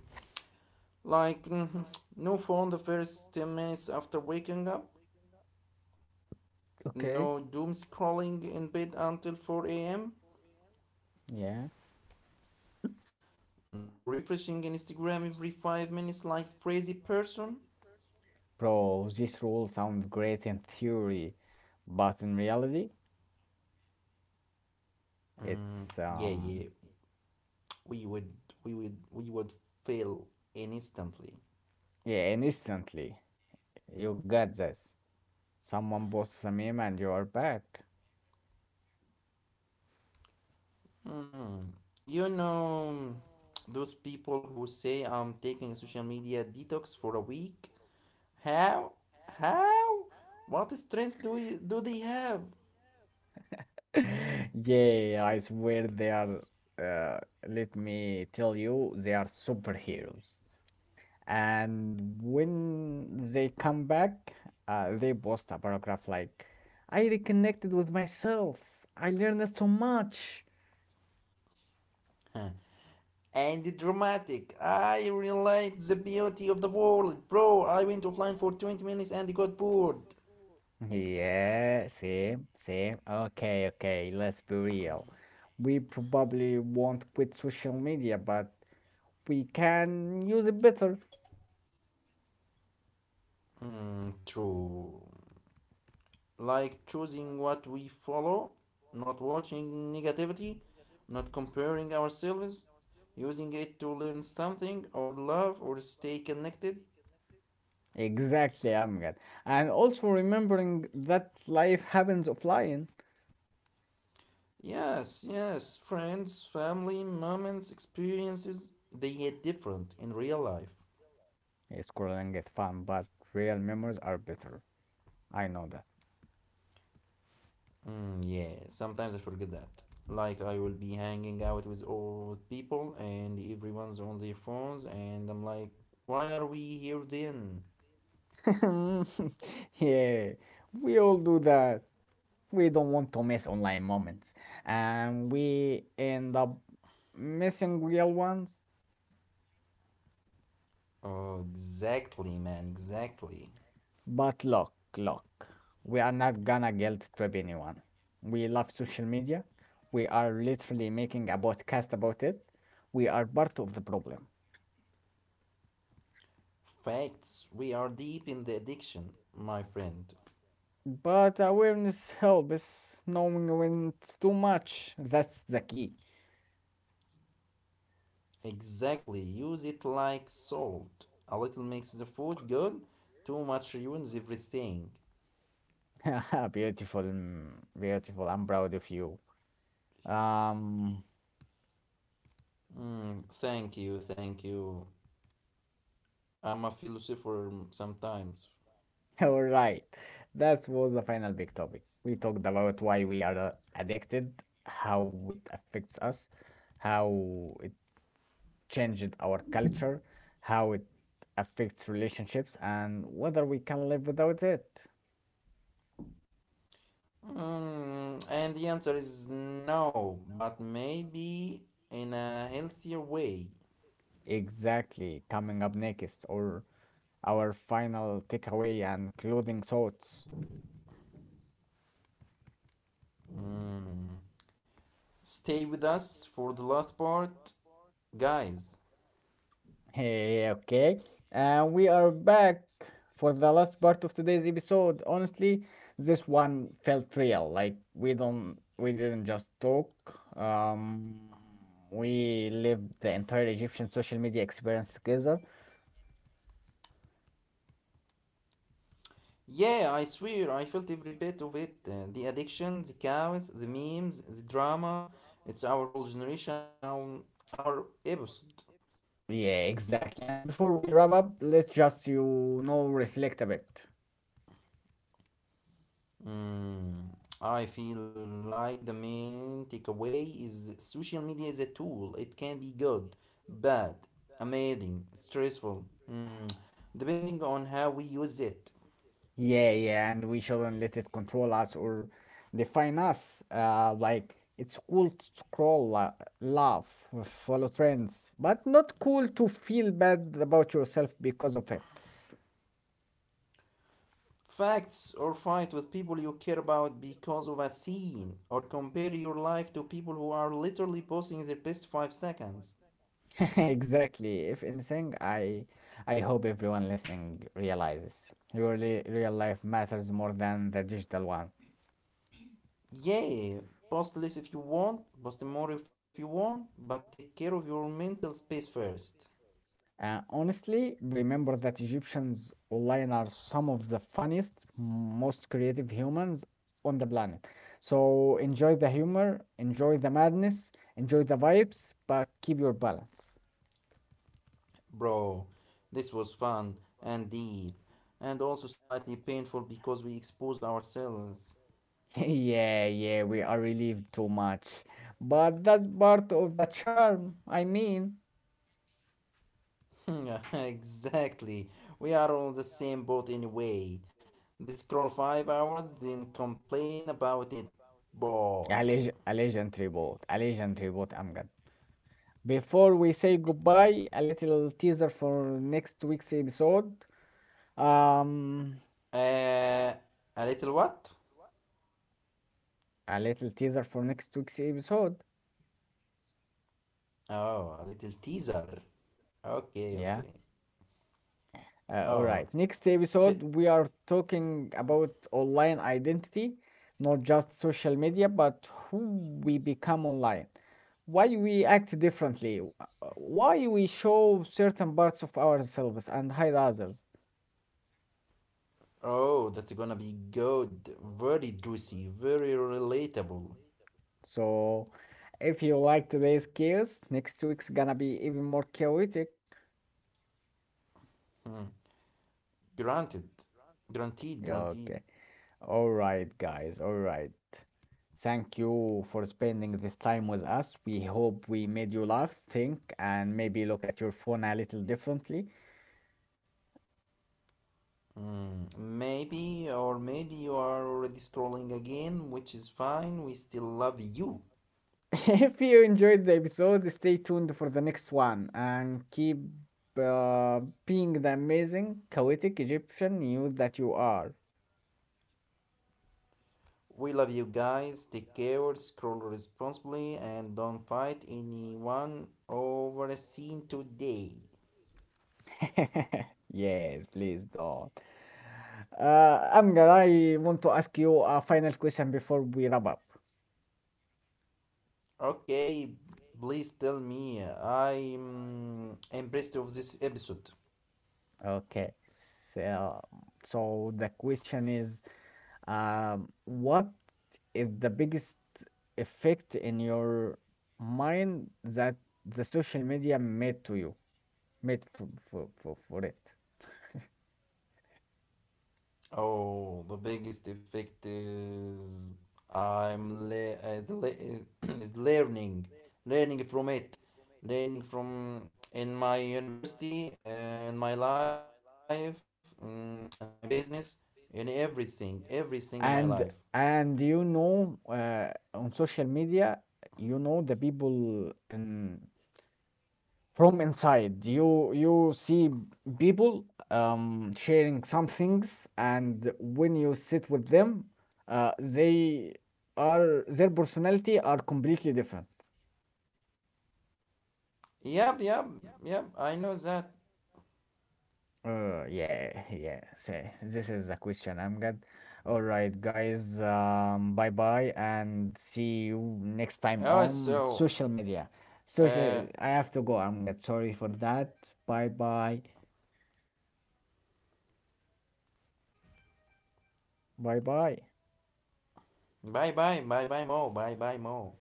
[SPEAKER 2] Like, mhm, no phone the first ten minutes after waking up,
[SPEAKER 1] Okay,
[SPEAKER 2] no doom scrolling in bed until four a m,
[SPEAKER 1] yeah,
[SPEAKER 2] no refreshing Instagram every five minutes like crazy person.
[SPEAKER 1] bro, these rules sound great in theory, but in reality, it's
[SPEAKER 2] Mm, yeah,
[SPEAKER 1] um,
[SPEAKER 2] yeah, we would, we would, we would fail instantly.
[SPEAKER 1] yeah, and instantly you got this. Someone posts a meme and you are back.
[SPEAKER 2] Hmm. You know, those people who say I'm taking social media detox for a week. How? How? What strength do you, do they have?
[SPEAKER 1] Yeah, I swear they are, uh, let me tell you, they are superheroes. And when they come back, uh, they post a paragraph like, I reconnected with myself. I learned so much.
[SPEAKER 2] Huh. And the dramatic. I realized the beauty of the world, bro. I went offline for twenty minutes and got bored.
[SPEAKER 1] Yeah, same, same. Okay, okay, let's be real. We probably won't quit social media, but we can use it better.
[SPEAKER 2] Hmm, true. Like choosing what we follow, not watching negativity, not comparing ourselves, using it to learn something or love or stay connected.
[SPEAKER 1] Exactly, Amjad. And also remembering that life happens offline.
[SPEAKER 2] Yes, yes, friends, family, moments, experiences, they hit different in real life.
[SPEAKER 1] Eh, scrolling is fun, but real memories are better. I know that.
[SPEAKER 2] Mm, yeah, sometimes I forget that. Like, I will be hanging out with old people and everyone's on their phones, and I'm like, why are we here then?
[SPEAKER 1] Yeah, we all do that. We don't want to miss online moments. And we end up missing real ones.
[SPEAKER 2] Oh, exactly, man, exactly.
[SPEAKER 1] But look, look, we are not gonna guilt trip anyone. We love social media. We are literally making a podcast about it. We are part of the problem.
[SPEAKER 2] Facts, we are deep in the addiction, my friend.
[SPEAKER 1] But awareness helps, knowing when it's too much. That's the key.
[SPEAKER 2] Exactly, use it like salt. A little makes the food good, too much ruins everything.
[SPEAKER 1] Beautiful, mm, beautiful. I'm proud of you. Um,
[SPEAKER 2] Mm, thank you, thank you. I'm a philosopher sometimes.
[SPEAKER 1] all right. That was the final big topic. We talked about why we are uh, addicted, how it affects us, how it changed our culture, how it affects relationships, and whether we can live without it.
[SPEAKER 2] Mm, and the answer is no, but maybe in a healthier way.
[SPEAKER 1] Exactly. Coming up next, or our final takeaway and closing thoughts.
[SPEAKER 2] Mm. Stay with us for the last part, guys.
[SPEAKER 1] Hey, okay. And we are back for the last part of today's episode. Honestly, this one felt real. Like we don't we didn't just talk. Um we lived the entire Egyptian social media experience together.
[SPEAKER 2] Yeah, I swear, I felt every bit of it. uh, the addiction, the chaos, the memes, the drama. It's our whole generation in our, our episode.
[SPEAKER 1] Yeah, exactly. And before we wrap up, let's just you know reflect a bit.
[SPEAKER 2] Mm, I feel like the main takeaway is that social media is a tool. It can be good, bad, amazing, stressful, mm, depending on how we use it.
[SPEAKER 1] Yeah, yeah, and we shouldn't let it control us or define us. Uh, like it's cool to scroll, la- laugh, follow trends, but not cool to feel bad about yourself because of it.
[SPEAKER 2] Facts, or fight with people you care about because of a scene or compare your life to people who are literally posting their best five seconds.
[SPEAKER 1] Exactly. If anything, I I hope everyone listening realizes your li- real life matters more than the digital one.
[SPEAKER 2] Yeah, post less if you want, post more if you want, but take care of your mental space first.
[SPEAKER 1] Uh, honestly, remember that Egyptians online are some of the funniest, most creative humans on the planet. So enjoy the humor, enjoy the madness, enjoy the vibes, but keep your balance.
[SPEAKER 2] Bro, this was fun and deep and also slightly painful because we exposed ourselves.
[SPEAKER 1] yeah, yeah, we are relieved too much. But that's part of the charm, I mean.
[SPEAKER 2] Exactly. We are all the same boat anyway. They scroll five hours, then complain about it.
[SPEAKER 1] A
[SPEAKER 2] But
[SPEAKER 1] leg- a legendary boat, a legendary boat, Amgad. Before we say goodbye, a little teaser for next week's episode. Um,
[SPEAKER 2] uh, a little what?
[SPEAKER 1] A little teaser for next week's episode.
[SPEAKER 2] Oh, a little teaser. Okay,
[SPEAKER 1] Yeah.
[SPEAKER 2] okay.
[SPEAKER 1] Uh, all right.
[SPEAKER 2] Oh,
[SPEAKER 1] Next episode,
[SPEAKER 2] t-
[SPEAKER 1] we are talking about online identity, not just social media, but who we become online, why we act differently, uh, why we show certain parts of ourselves and hide others.
[SPEAKER 2] oh, that's gonna be good. Very juicy. Very relatable.
[SPEAKER 1] So, if you like today's chaos, next week's gonna be even more chaotic.
[SPEAKER 2] Hmm. Granted. Granted.
[SPEAKER 1] Okay.
[SPEAKER 2] Guaranteed.
[SPEAKER 1] All right, guys. All right. Thank you for spending this time with us. We hope we made you laugh, think, and maybe look at your phone a little differently.
[SPEAKER 2] Mm, maybe, or maybe you are already scrolling again, which is fine. We still love you.
[SPEAKER 1] If you enjoyed the episode, stay tuned for the next one and keep uh, being the amazing, chaotic Egyptian you that you are.
[SPEAKER 2] We love you guys. Take care, scroll responsibly, and don't fight anyone over a scene today.
[SPEAKER 1] Yes, please don't. Uh, Amgar, I want to ask you a final question before we wrap up.
[SPEAKER 2] Okay, please tell me. I'm impressed of this episode.
[SPEAKER 1] Okay. So, so the question is, um, what is the biggest effect in your mind that the social media made to you, made for for for, for it?
[SPEAKER 2] Oh, the biggest effect is I'm le- is, le- is learning, learning from it, learning from in my university and my life, mm, and my business, in everything, everything in my life.
[SPEAKER 1] And and you know, uh, on social media, you know the people in from inside you you see people um, sharing some things and when you sit with them uh, they are their personality are completely different
[SPEAKER 2] Yep, yep, yep. I know that.
[SPEAKER 1] uh, yeah yeah so this is the question I'm good all right guys um, bye bye and see you next time
[SPEAKER 2] Oh,
[SPEAKER 1] on
[SPEAKER 2] so
[SPEAKER 1] social media social
[SPEAKER 2] uh,
[SPEAKER 1] I have to go I'm good sorry for that bye bye bye bye
[SPEAKER 2] bye, bye, bye, bye, Mo, bye, bye, Mo.